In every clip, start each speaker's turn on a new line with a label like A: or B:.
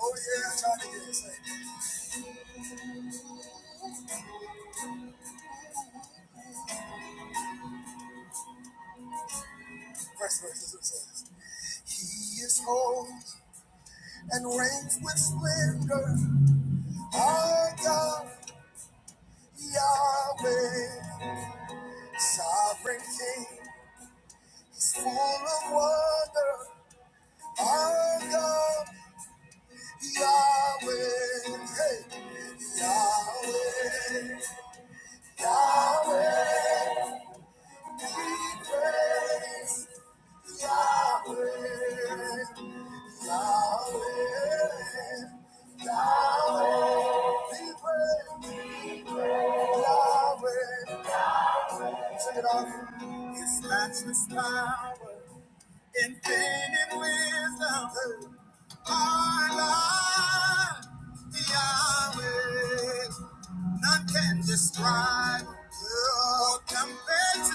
A: Oh yeah, I'm trying to get it. Say, First verse is what it says. He is holy and reigns with splendor. Our God, Yahweh, sovereign King, He's full of wonder. Our God, Yahweh, hey, Yahweh, Yahweh, we praise. Yahweh, Yahweh, Yahweh, Check it off His matchless power. Infinite wisdom, our life, Yahweh. None can describe oh, compared to His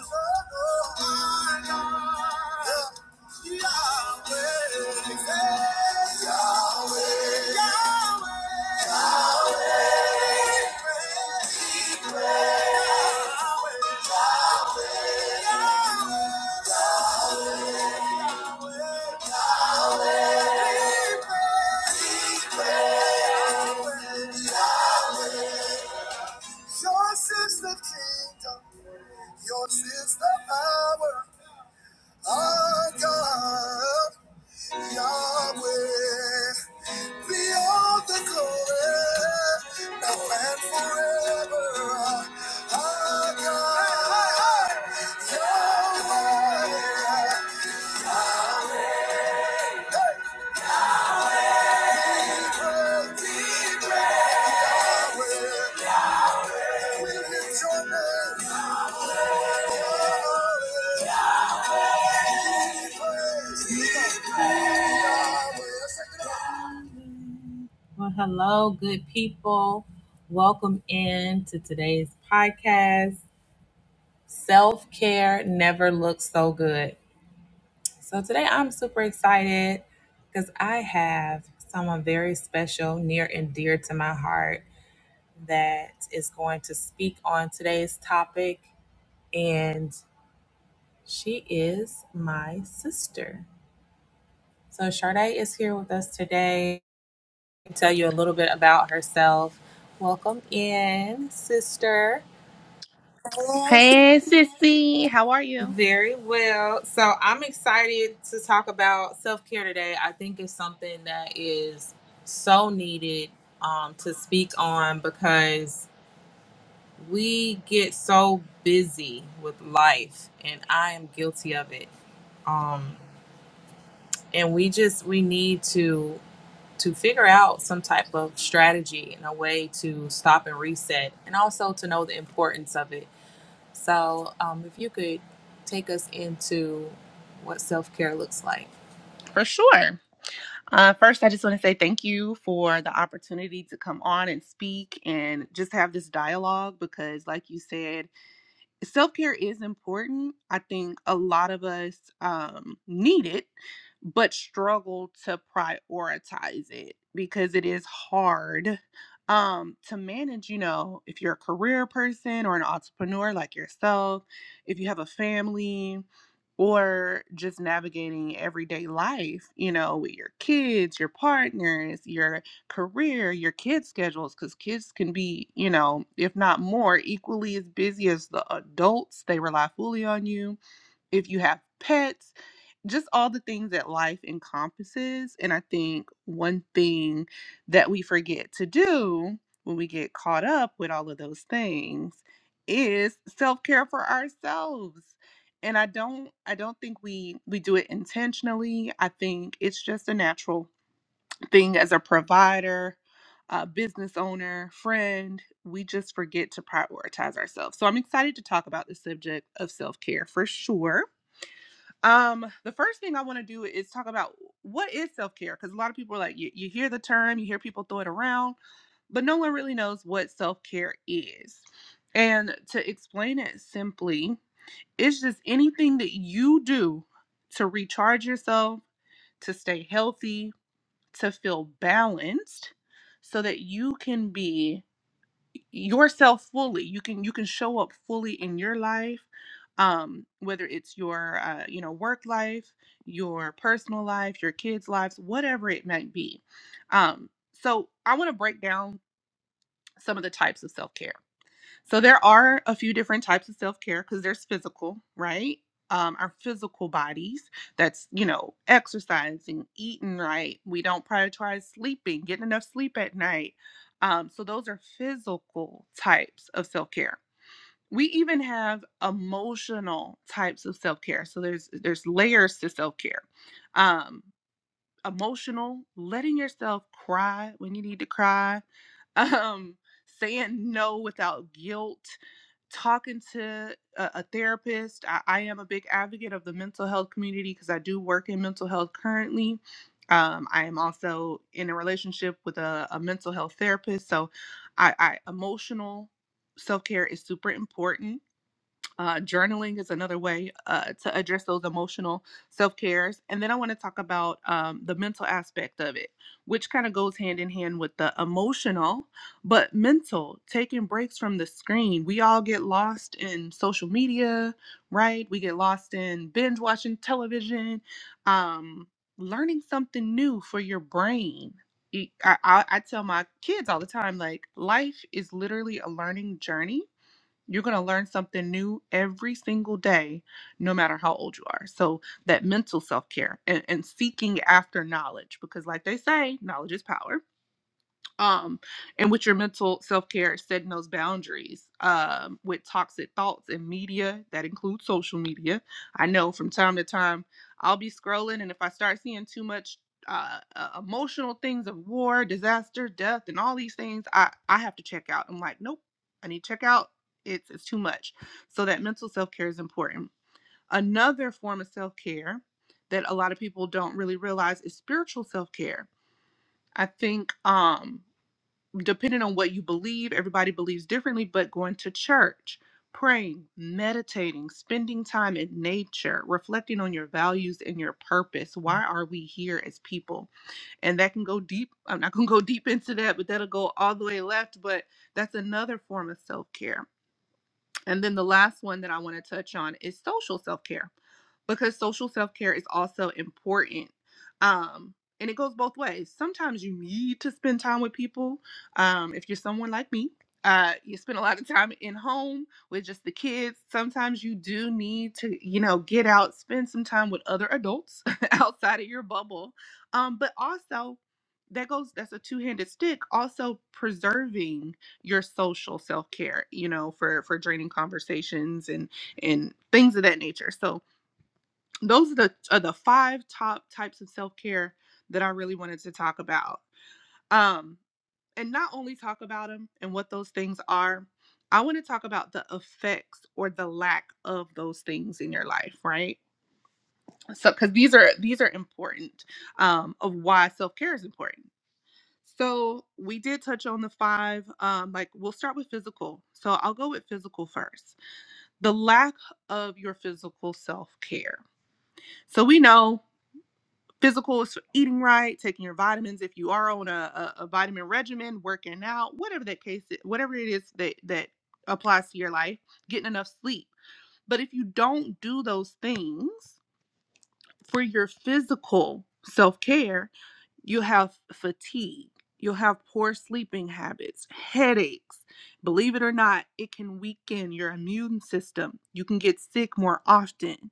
A: oh, our life, Yahweh, hey, Yahweh, Yahweh, Yahweh. Yahweh. Yahweh, Yahweh. Yours is the kingdom. Yours is the power. Our God, Yahweh, be all the glory, now and forever. Our God, Yahweh, we lift your name. Yahweh, Well, hello, good people. Welcome in to today's podcast. Self care never looks so good. So, today I'm super excited because I have someone very special, near and dear to my heart, that is going to speak on today's topic. And she is my sister. So, Sharday is here with us today to tell you a little bit about herself. Welcome in, sister. Hello.
B: Hey, sissy, how are you?
A: Very well. So I'm excited to talk about self care today. I think it's something that is so needed um, to speak on because we get so busy with life, and I am guilty of it. Um, and we just we need to to figure out some type of strategy and a way to stop and reset, and also to know the importance of it so, um, if you could take us into what self care looks like.
B: For sure. Uh, first, I just want to say thank you for the opportunity to come on and speak and just have this dialogue because, like you said, self care is important. I think a lot of us um, need it, but struggle to prioritize it because it is hard um, to manage. You know, if you're a career person or an entrepreneur like yourself, if you have a family, or just navigating everyday life, you know, with your kids, your partners, your career your kids schedules because kids can be you know if not more equally as busy as the adults they rely fully on you if you have pets just all the things that life encompasses and i think one thing that we forget to do when we get caught up with all of those things is self-care for ourselves and i don't i don't think we we do it intentionally i think it's just a natural thing as a provider, a business owner, friend, we just forget to prioritize ourselves. So I'm excited to talk about the subject of self-care for sure. Um, the first thing I want to do is talk about what is self-care because a lot of people are like you, you hear the term, you hear people throw it around, but no one really knows what self-care is. And to explain it simply, it's just anything that you do to recharge yourself, to stay healthy, to feel balanced so that you can be yourself fully you can you can show up fully in your life um whether it's your uh, you know work life your personal life your kids lives whatever it might be um so i want to break down some of the types of self-care so there are a few different types of self-care because there's physical, right? Um, our physical bodies. That's, you know, exercising, eating right. We don't prioritize sleeping, getting enough sleep at night. Um, so those are physical types of self-care. We even have emotional types of self-care. So there's there's layers to self-care. Um, emotional, letting yourself cry when you need to cry, um, saying no without guilt, talking to a, a therapist. I, I am a big advocate of the mental health community because I do work in mental health currently. Um, I am also in a relationship with a, a mental health therapist. So I, I emotional self care is super important uh, journaling is another way uh, to address those emotional self cares. And then I want to talk about um, the mental aspect of it, which kind of goes hand in hand with the emotional, but mental, taking breaks from the screen. We all get lost in social media, right? We get lost in binge watching television, um, learning something new for your brain. E- I, I I tell my kids all the time, like, life is literally a learning journey you're going to learn something new every single day, no matter how old you are. So, that mental self care and, and seeking after knowledge, because, like they say, knowledge is power um and with your mental self-care setting those boundaries um with toxic thoughts and media that includes social media i know from time to time i'll be scrolling and if i start seeing too much uh, uh emotional things of war disaster death and all these things i i have to check out i'm like nope i need to check out it's it's too much so that mental self-care is important another form of self-care that a lot of people don't really realize is spiritual self-care i think um depending on what you believe, everybody believes differently, but going to church, praying, meditating, spending time in nature, reflecting on your values and your purpose. Why are we here as people? And that can go deep. I'm not going to go deep into that, but that'll go all the way left. But that's another form of self care and then the last one that I want to touch on is social self care because social self care is also important. Um, and it goes both ways. Sometimes you need to spend time with people. Um, if you're someone like me, uh, you spend a lot of time in home with just the kids. Sometimes you do need to, you know, get out, spend some time with other adults outside of your bubble. Um, but also, that goes, that's a two handed stick. Also, preserving your social self-care you know for for draining conversations and and things of that nature so those are the are the five top types of self-care that i really wanted to talk about um and not only talk about them and what those things are i want to talk about the effects or the lack of those things in your life right so because these are these are important um of why self-care is important so we did touch on the five. Um, like we'll start with physical. So I'll go with physical first. The lack of your physical self care. So we know physical is eating right, taking your vitamins. If you are on a, a, a vitamin regimen, working out, whatever that case, i- whatever it is that that applies to your life, getting enough sleep. But if you don't do those things for your physical self care, You'll have fatigue. You'll have poor sleeping habits, headaches. Believe it or not, it can weaken your immune system. You can get sick more often.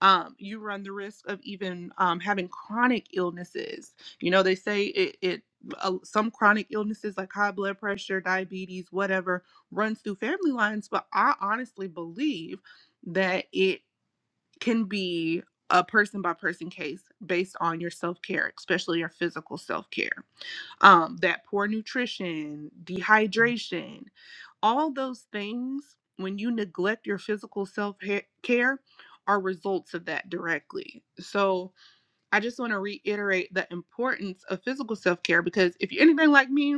B: Um, you run the risk of even um, having chronic illnesses. You know, they say it, it uh, some chronic illnesses like high blood pressure, diabetes, whatever, runs through family lines, but I honestly believe that it can be a person by person case based on your self care, especially your physical self care. Um, that poor nutrition, dehydration, all those things, when you neglect your physical self care, are results of that directly. So I just want to reiterate the importance of physical self care because if you're anything like me,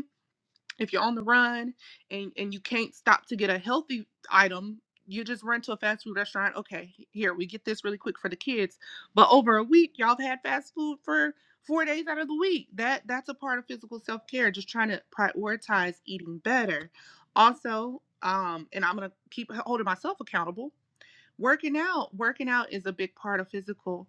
B: if you're on the run and and you can't stop to get a healthy item you just run to a fast food restaurant okay here we get this really quick for the kids but over a week y'all have had fast food for four days out of the week that that's a part of physical self-care just trying to prioritize eating better also um and i'm gonna keep holding myself accountable working out working out is a big part of physical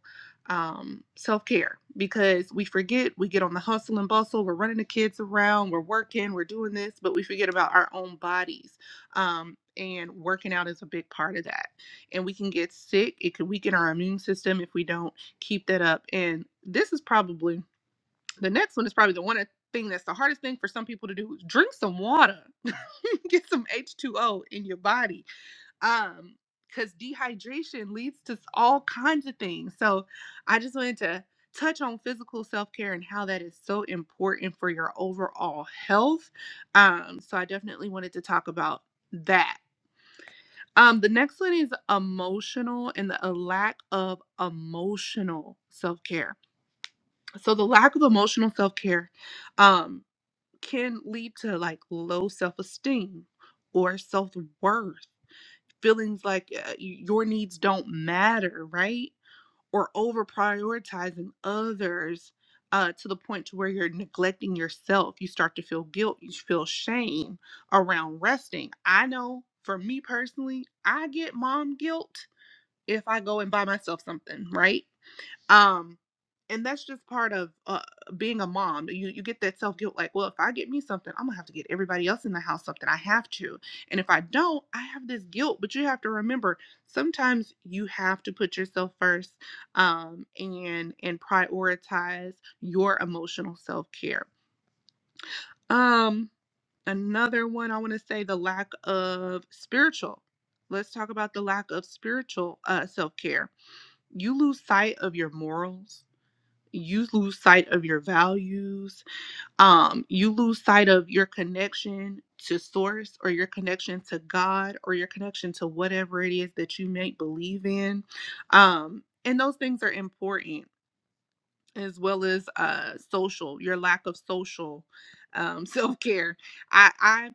B: um, self-care because we forget we get on the hustle and bustle we're running the kids around we're working we're doing this but we forget about our own bodies um, and working out is a big part of that and we can get sick it could weaken our immune system if we don't keep that up and this is probably the next one is probably the one thing that's the hardest thing for some people to do is drink some water get some h2o in your body um because dehydration leads to all kinds of things so i just wanted to touch on physical self-care and how that is so important for your overall health um so i definitely wanted to talk about that um the next one is emotional and the a lack of emotional self-care so the lack of emotional self-care um can lead to like low self-esteem or self-worth feelings like uh, your needs don't matter, right? Or over prioritizing others uh, to the point to where you're neglecting yourself. You start to feel guilt. You feel shame around resting. I know for me personally, I get mom guilt if I go and buy myself something, right? um and that's just part of uh, being a mom you you get that self guilt like well if i get me something i'm gonna have to get everybody else in the house something i have to and if i don't i have this guilt but you have to remember sometimes you have to put yourself first um and and prioritize your emotional self care um another one i want to say the lack of spiritual let's talk about the lack of spiritual uh self care you lose sight of your morals you lose sight of your values um you lose sight of your connection to source or your connection to god or your connection to whatever it is that you may believe in um and those things are important as well as uh social your lack of social um self-care i i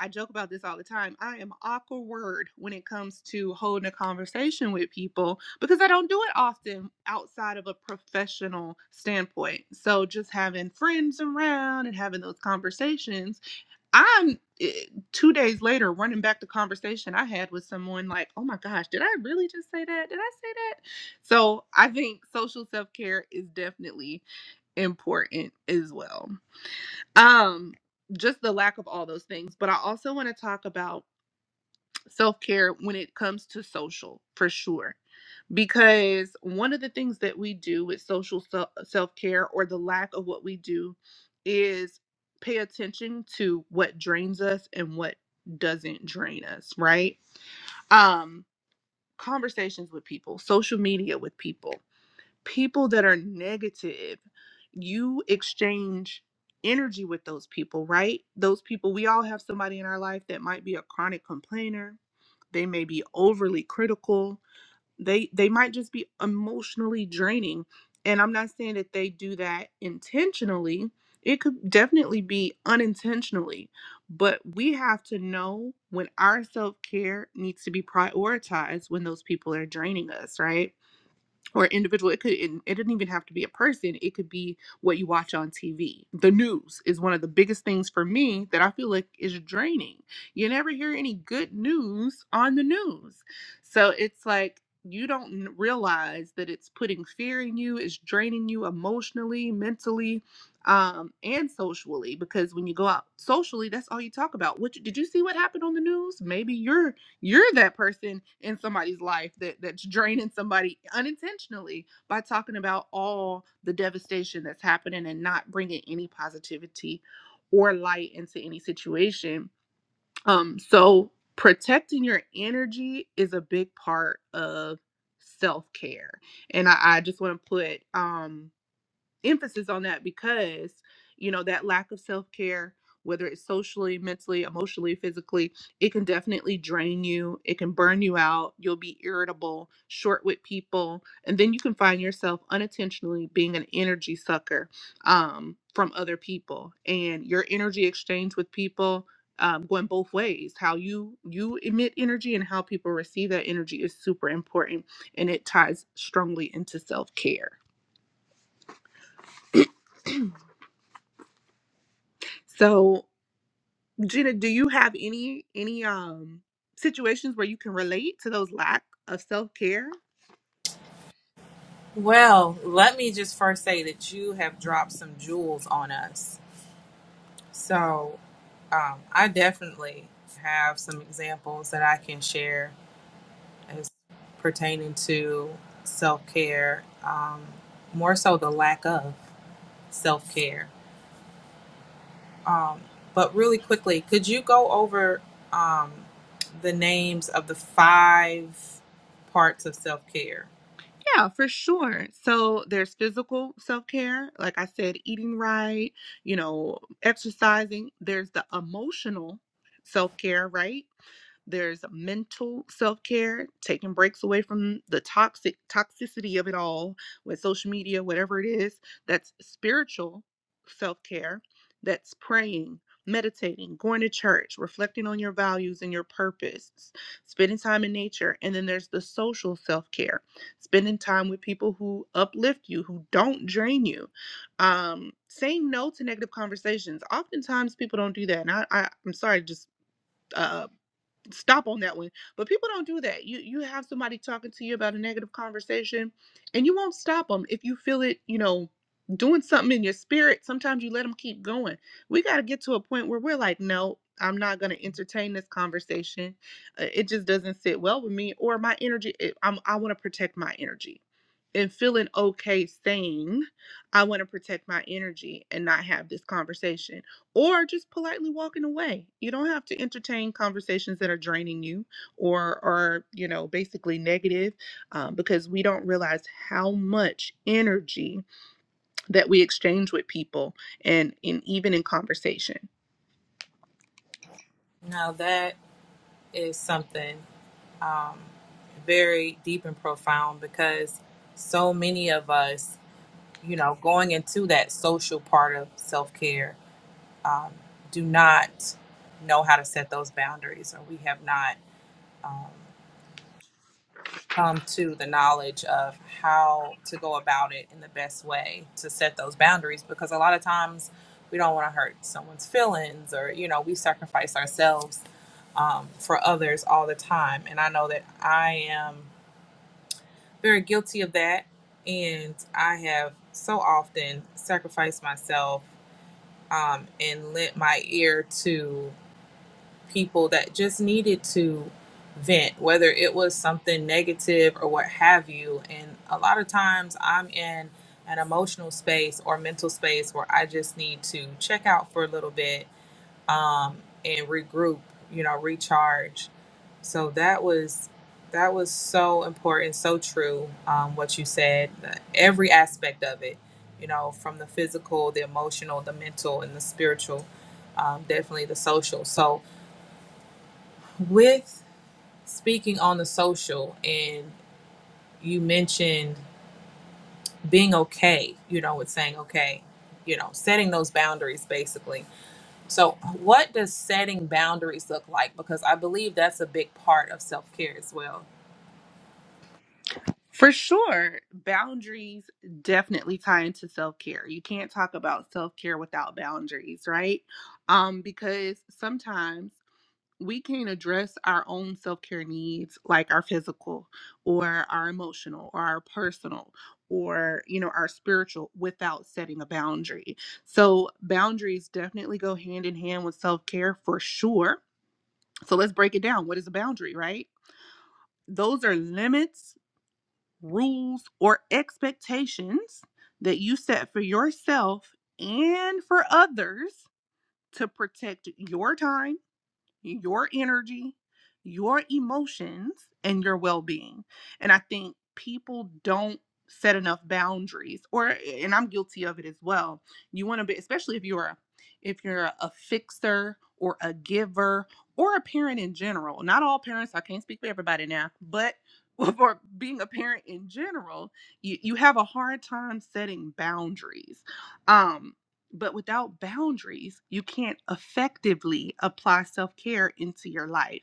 B: i joke about this all the time i am awkward when it comes to holding a conversation with people because i don't do it often outside of a professional standpoint so just having friends around and having those conversations I'm eh, two days later running back the conversation I had with someone like, oh my gosh, did I really just say that? Did I say that? So I think social self care is definitely important as well. Um, just the lack of all those things. But I also want to talk about self care when it comes to social for sure because one of the things that we do with social self care or the lack of what we do is pay attention to what drains us and what doesn't drain us, right? Um, conversations with people, social media with people, people that are negative, you exchange energy with those people, right? Those people, we all have somebody in our life that might be a chronic complainer, they may be overly critical they they might just be emotionally draining and i'm not saying that they do that intentionally it could definitely be unintentionally but we have to know when our self-care needs to be prioritized when those people are draining us right or individual it could it, it didn't even have to be a person it could be what you watch on tv the news is one of the biggest things for me that i feel like is draining you never hear any good news on the news so it's like you don't n- realize that it's putting fear in you it's draining you emotionally mentally um and socially because when you go out socially that's all you talk about what you- did you see what happened on the news maybe you're you're that person in somebody's life that that's draining somebody unintentionally by talking about all the devastation that's happening and not bringing any positivity or light into any situation um so protecting your energy is a big part of self-care and i, I just want to put um emphasis on that because you know that lack of self-care whether it's socially mentally emotionally physically it can definitely drain you it can burn you out you'll be irritable short with people and then you can find yourself unintentionally being an energy sucker um, from other people and your energy exchange with people um, going both ways how you you emit energy and how people receive that energy is super important and it ties strongly into self-care so Gina, do you have any any um situations where you can relate to those lack of self-care?
A: Well, let me just first say that you have dropped some jewels on us. So, um, I definitely have some examples that I can share as pertaining to self care, um, more so the lack of self care. But really quickly, could you go over um, the names of the five parts of self care?
B: Yeah, for sure. So there's physical self-care, like I said, eating right, you know, exercising. There's the emotional self-care, right? There's mental self-care, taking breaks away from the toxic toxicity of it all with social media, whatever it is. That's spiritual self-care. That's praying, meditating, going to church, reflecting on your values and your purpose, spending time in nature. And then there's the social self-care, spending time with people who uplift you, who don't drain you, um saying no to negative conversations oftentimes people don't do that and i, I i'm sorry just uh stop on that one. But people don't do that. You you have somebody talking to you about a negative conversation and you won't stop them if you feel it, you know, doing something in your spirit. Sometimes you let them keep going. We got to get to a point where we're like, "No, I'm not going to entertain this conversation. Uh, It just doesn't sit well with me or my energy it- I'm I want to protect my energy." And feeling okay saying, I want to protect my energy and not have this conversation or just politely walking away. You don't have to entertain conversations that are draining you or are, you know, basically negative um, because we don't realize how much energy that we exchange with people and, and even in conversation.
A: Now that is something um, very deep and profound because so many of us, you know, going into that social part of self care, um, do not know how to set those boundaries, or we have not. Um, come to the knowledge of how to go about it in the best way to set those boundaries because a lot of times we don't want to hurt someone's feelings or you know we sacrifice ourselves um, for others all the time and i know that i am very guilty of that and i have so often sacrificed myself um, and lent my ear to people that just needed to vent, whether it was something negative or what have you. And a lot of times I'm in an emotional space or mental space where I just need to check out for a little bit um, and regroup, you know, recharge. So that was that was so important, so true. Um, what you said, the- every aspect of it, you know, from the physical, the emotional, the mental, and the spiritual, um, definitely the social. So with speaking on the social and you mentioned being okay you know with saying okay you know setting those boundaries basically so what does setting boundaries look like because i believe that's a big part of self-care as well
B: For sure, boundaries definitely tie into self care. You can't talk about self care without boundaries, right? Um, because sometimes we can't address our own self-care needs like our physical or our emotional or our personal or you know our spiritual without setting a boundary so boundaries definitely go hand in hand with self-care for sure so let's break it down what is a boundary right those are limits rules or expectations that you set for yourself and for others to protect your time your energy, your emotions, and your well being. And I think people don't set enough boundaries or eh, eh, and I'm guilty of it as well. You want to be especially if you're a if you're a fixer or a giver or a parent in general. Not all parents, I can't speak for everybody now, but for being a parent in general, you, you have a hard time setting boundaries. Um. But without boundaries, you can't effectively apply self care into your life.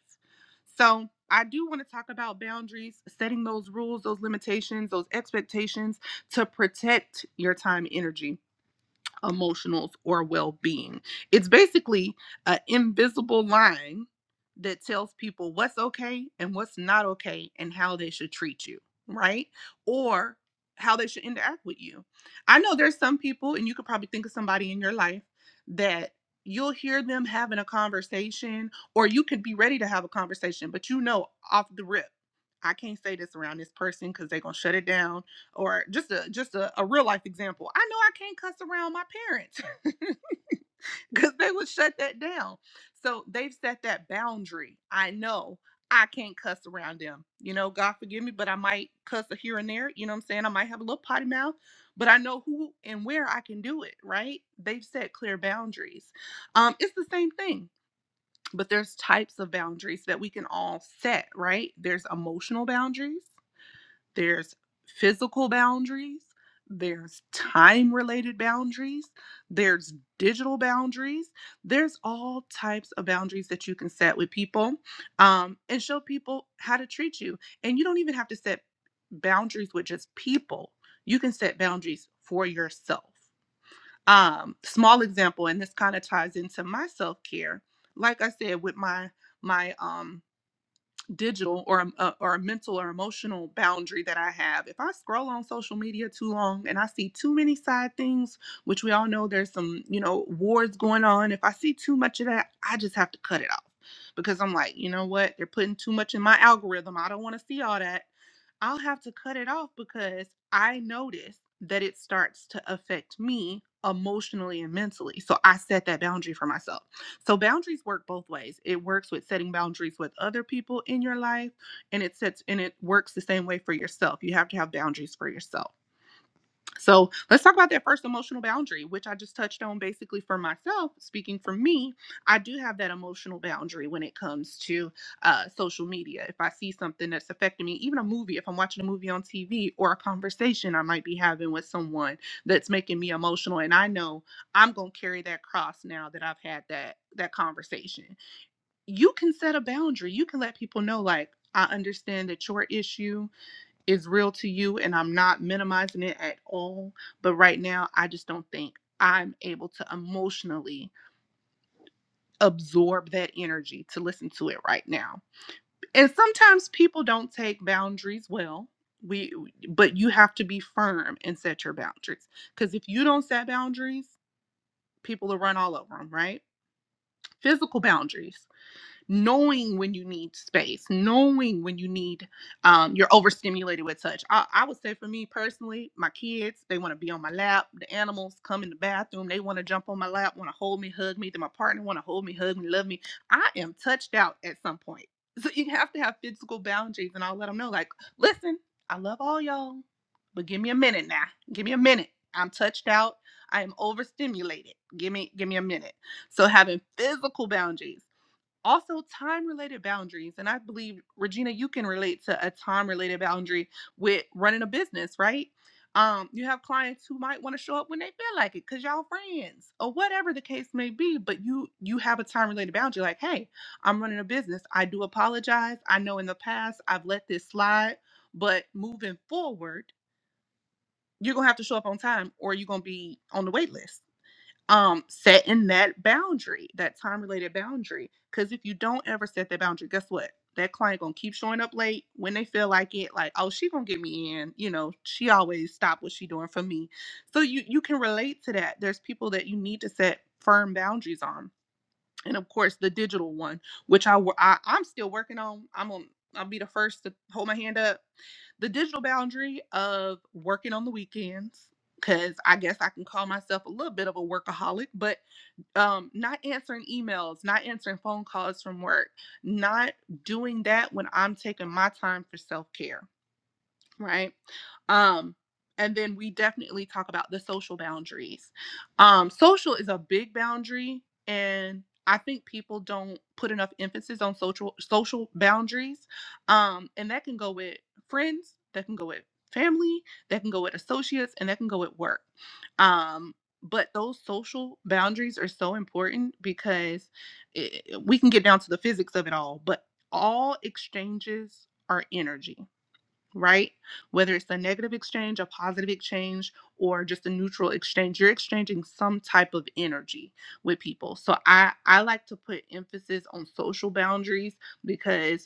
B: So, I do want to talk about boundaries, setting those rules, those limitations, those expectations to protect your time and energy emotionals, or well being. It's basically an invisible line that tells people what's okay and what's not okay and how they should treat you, right? Or how they should interact with you. I know there's some people, and you could probably think of somebody in your life that you'll hear them having a conversation, or you could be ready to have a conversation, but you know off the rip, I can't say this around this person because they're going to shut it down or just a just a, a real life example i know i can't cuss around my parents because they would shut that down so they've set that boundary i know i can't cuss around them you know god forgive me but i might cuss a here and there you know what i'm saying i might have a little potty mouth but i know who and where i can do it right they've set clear boundaries um it's the same thing but there's types of boundaries that we can all set right there's emotional boundaries there's physical boundaries, there's time related boundaries, there's digital boundaries, there's all types of boundaries that you can set with people um, and show people how to treat you. And you don't even have to set boundaries with just people, you can set boundaries for yourself. Um, small example, and this kind of ties into my self care. Like I said, with my my um digital or a, or a mental or emotional boundary that I have. If I scroll on social media too long and I see too many side things, which we all know there's some, you know, wars going on, if I see too much of that, I just have to cut it off because I'm like, you know what? They're putting too much in my algorithm. I don't want to see all that. I'll have to cut it off because I notice that it starts to affect me emotionally and mentally. So I set that boundary for myself. So boundaries work both ways. It works with setting boundaries with other people in your life and it sets and it works the same way for yourself. You have to have boundaries for yourself. So let's talk about that first emotional boundary, which I just touched on basically for myself. Speaking for me, I do have that emotional boundary when it comes to uh, social media. If I see something that's affecting me, even a movie, if I'm watching a movie on TV or a conversation I might be having with someone that's making me emotional, and I know I'm going to carry that cross now that I've had that that conversation. You can set a boundary. You can let people know like I understand that your issue is real to you and I'm not minimizing it at all. But right now, I just don't think I'm able to emotionally absorb that energy to listen to it right now. And sometimes people don't take boundaries well. We but you have to be firm and set your boundaries cuz if you don't set boundaries, people will run all over them, right? Physical boundaries. knowing when you need space, knowing when you need um, you're overstimulated with touch. I, I would say for me personally, my kids they want to be on my lap. The animals come in the bathroom, they want to jump on my lap, want to hold me, hug me. Then my partner want to hold me, hug me, love me. I am touched out at some point. So you have to have physical boundaries, and I'll let them know like, listen, I love all y'all, but give me a minute now. Give me a minute. I'm touched out. I am overstimulated. Give me give me a minute. So having physical boundaries also time related boundaries and i believe regina you can relate to a time related boundary with running a business right um you have clients who might want to show up when they feel like it because y'all friends or whatever the case may be but you you have a time related boundary like hey i'm running a business i do apologize i know in the past i've let this slide but moving forward you're gonna have to show up on time or you're gonna be on the wait list um setting that boundary that time related boundary because if you don't ever set that boundary guess what that client gonna keep showing up late when they feel like it like oh she gonna get me in you know she always stop what she doing for me so you you can relate to that there's people that you need to set firm boundaries on and of course the digital one which I, wo- I i'm still working on i'm on i'll be the first to hold my hand up the digital boundary of working on the weekends because i guess i can call myself a little bit of a workaholic but um not answering emails not answering phone calls from work not doing that when i'm taking my time for self-care right? Um, and then we definitely talk about the social boundaries. Um, social is a big boundary, and I think people don't put enough emphasis on social social boundaries. Um, and that can go with friends, that can go with family, that can go with associates, and that can go with work. Um, but those social boundaries are so important because it, we can get down to the physics of it all, but all exchanges are energy right? Whether it's a negative exchange, a positive exchange, or just a neutral exchange, you're exchanging some type of energy with people. So I I like to put emphasis on social boundaries because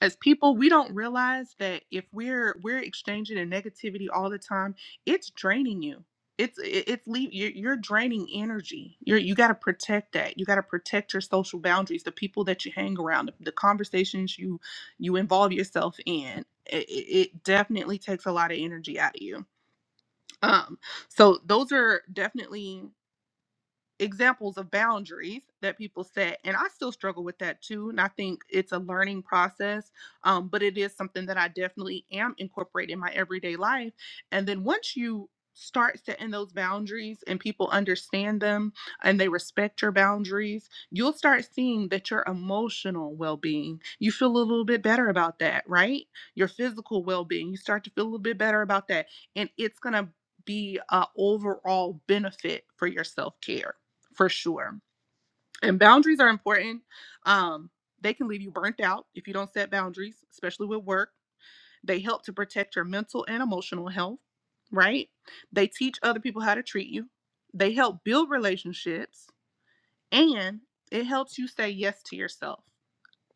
B: as people we don't realize that if we're we're exchanging in negativity all the time it's draining you it's it- it's leave you're, you're draining energy you're you got to protect that you got to protect your social boundaries the people that you hang around the, the conversations you you involve yourself in it, it it definitely takes a lot of energy out of you um so those are definitely examples of boundaries that people set and i still struggle with that too and i think it's a learning process um, but it is something that i definitely am incorporating in my everyday life and then once you start setting those boundaries and people understand them and they respect your boundaries you'll start seeing that your emotional well-being you feel a little bit better about that right your physical well-being you start to feel a little bit better about that and it's going to be a overall benefit for your self-care for sure. And boundaries are important. Um, they can leave you burnt out if you don't set boundaries, especially with work. They help to protect your mental and emotional health, right? They teach other people how to treat you. They help build relationships and it helps you say yes to yourself.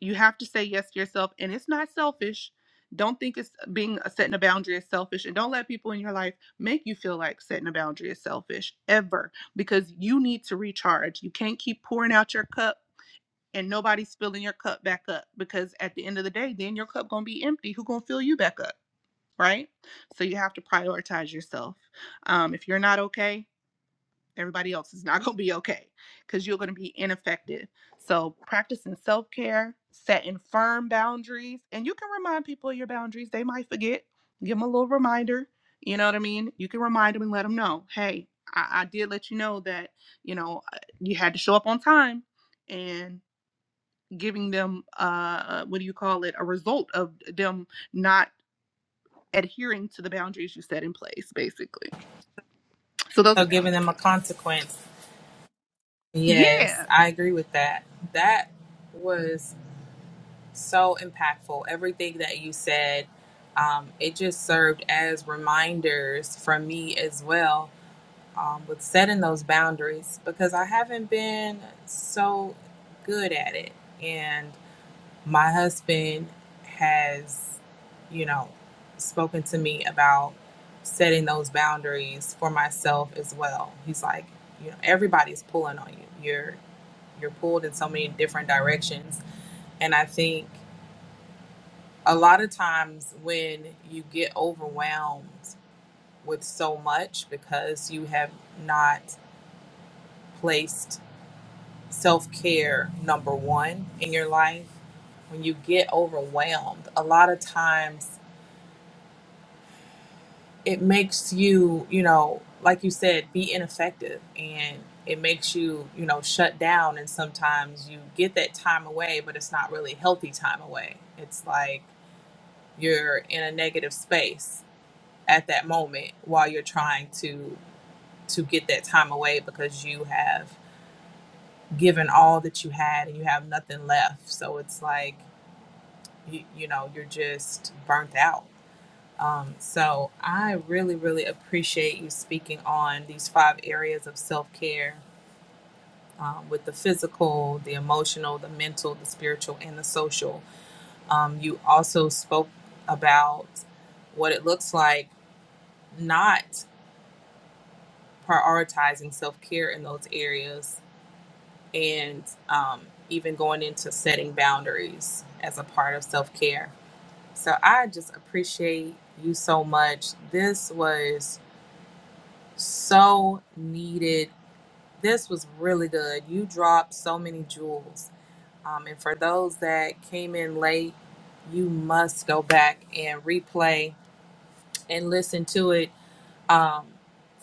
B: You have to say yes to yourself, and it's not selfish. Don't think it's being uh, setting a boundary is selfish, and don't let people in your life make you feel like setting a boundary is selfish ever because you need to recharge. You can't keep pouring out your cup and nobody's filling your cup back up because at the end of the day, then your cup gonna be empty. Who gonna fill you back up, right? So you have to prioritize yourself. Um, if you're not okay everybody else is not going to be okay because you're going to be ineffective. So, practicing self care, setting firm boundaries, and you can remind people of your boundaries. They might forget. Give them a little reminder. You know what I mean? You can remind them and let them know, hey, I, I did let you know that, you know, uh, you had to show up on time and giving them, uh, what do you call it, a result of them not adhering to the boundaries you set in place, basically. So, those
A: so
B: are
A: giving them a
B: boundaries.
A: consequence
B: Yeah.
A: yes i agree with that that was so impactful everything that you said um, it just served as reminders for me as well um, with setting those boundaries because I haven't been so good at it. And my husband has, you know, spoken to me about setting those boundaries for myself as well. He's like, you know, everybody's pulling on you. You're you're pulled in so many different directions. And I think a lot of times when you get overwhelmed with so much because you have not placed self care number one in your life. When you get overwhelmed, a lot of times it makes you, you know, like you said, be ineffective and it makes you, you know, shut down. And sometimes you get that time away, but it's not really healthy time away. It's like you're in a negative space at that moment while you're trying to to get that time away because you have given all that you had and you have nothing left. So it's like you, you know you're just burnt out um, so i really really appreciate you speaking on these five areas of self-care um, with the physical the emotional the mental the spiritual and the social um, you also spoke about what it looks like not prioritizing self-care in those areas and um, even going into setting boundaries as a part of self-care So I just appreciate you so much. This was so needed. This was really good. You dropped so many jewels. Um, and for those that came in late, you must go back and replay and listen to it um,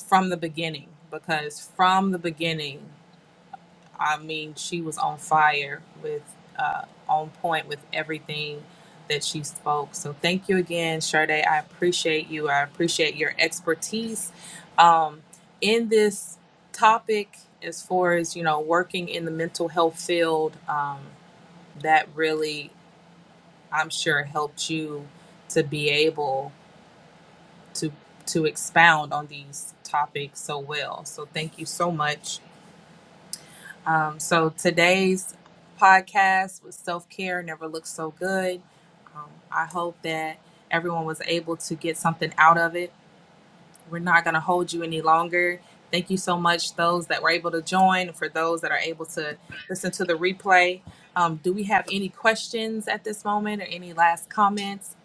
A: from the beginning because from the beginning I mean, she was on fire with uh, on point with everything that she spoke. So thank you again, Sade. I appreciate you. I appreciate your expertise um, in this topic as far as you know working in the mental health field. Um, that really, I'm sure, helped you to be able to to expound on these topics so well. So thank you so much Um, so today's podcast with self care never looks so good. Um, I hope that everyone was able to get something out of it. We're not going to hold you any longer. Thank you so much, those that were able to join, for those that are able to listen to the replay. Um, do we have any questions at this moment or any last comments?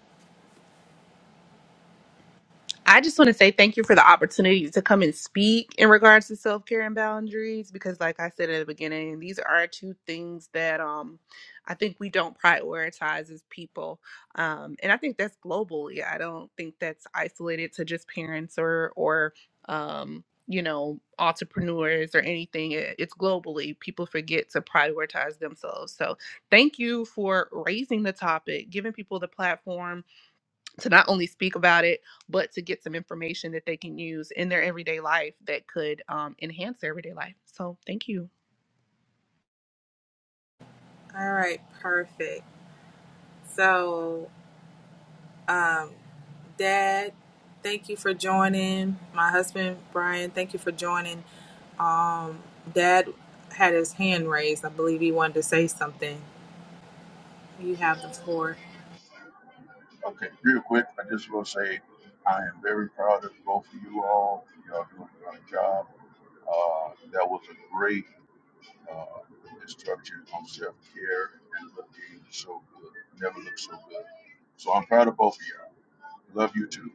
B: I just want to say thank you for the opportunity to come and speak in regards to self care and boundaries because, like I said at the beginning, these are two things that um, I think we don't prioritize as people, um, and I think that's globally. I don't think that's isolated to just parents or or um, you know entrepreneurs or anything. It- It's globally people forget to prioritize themselves. So thank you for raising the topic, giving people the platform to not only speak about it, but to get some information that they can use in their everyday life that could um, enhance their everyday life. So thank you.
A: All right, perfect. So, um, Dad, thank you for joining. My husband, Brian, thank you for joining. Um, Dad had his hand raised. I believe he wanted to say something. You have the floor.
C: Okay, real quick, I just will say I am very proud of both of you all. Y'all doing a great job. Uh, that was a great uh, instruction on self care and looking so good. Never looked so good. So I'm proud of both of y'all. Love you too.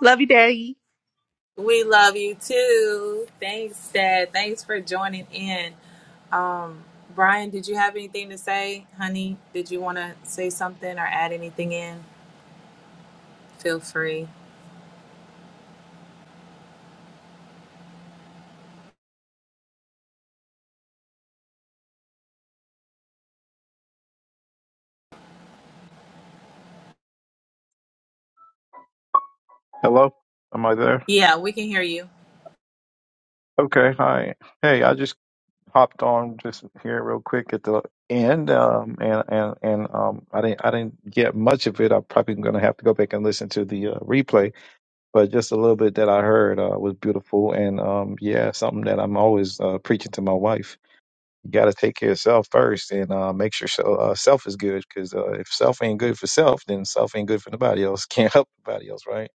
B: Love you, Daddy.
A: We love you too. Thanks, Dad. Thanks for joining in. Um, Brian, did you have anything to say, honey? Did you want to say something or add anything in? Feel free.
D: Hello? Am I there?
A: Yeah, we can hear you.
D: Okay, hi. Hey, I just hopped on just here real quick at the end, um, and and and um, I didn't I didn't get much of it. I'm probably going to have to go back and listen to the uh, replay, but just a little bit that I heard uh, was beautiful, and um, yeah, something that I'm always uh, preaching to my wife. You got to take care of self first, and uh, make sure so, uh, self is good, because uh, if self ain't good for self, then self ain't good for nobody else. Can't help nobody else, right?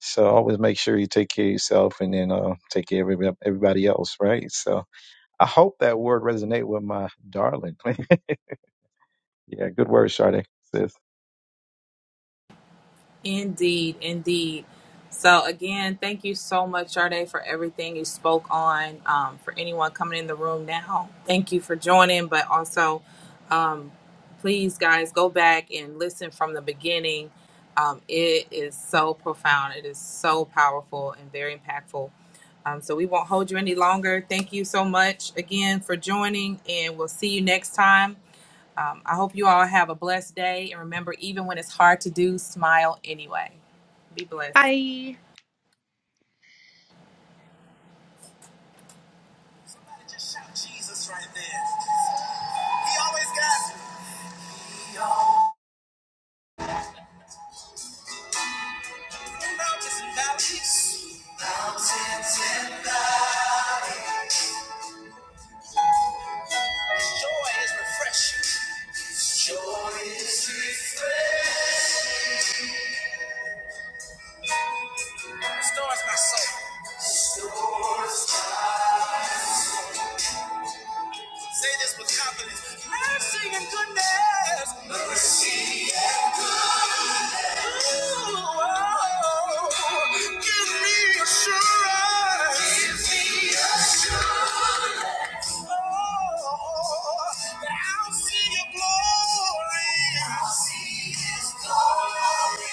D: So always make sure you take care of yourself and then uh, take care of everybody everybody else, right? So I hope that word resonate with my darling. yeah, good word, Sade.
A: Indeed, indeed. So again, thank you so much, Jade, for everything you spoke on. Um, for anyone coming in the room now, thank you for joining. But also, um, please, guys, go back and listen from the beginning. Um, it is so profound. It is so powerful and very impactful. Um, so we won't hold you any longer. Thank you so much again for joining, and we'll see you next time. Um, I hope you all have a blessed day. And remember, even when it's hard to do, smile anyway. Be blessed.
B: Bye.
A: Just shout Jesus right there. He always got new mountains and valleys. Mountains and valleys. Joy is refreshing. Joy is refreshing. That's my soul. Say this with confidence. Mercy and goodness. Mercy and goodness. Ooh, oh, give me assurance. Give me assurance. Oh, that I'll see your glory. I'll see his glory.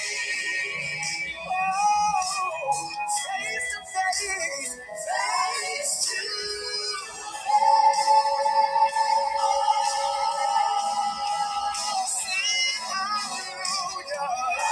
A: Oh, face to face. Face to face. Thank you.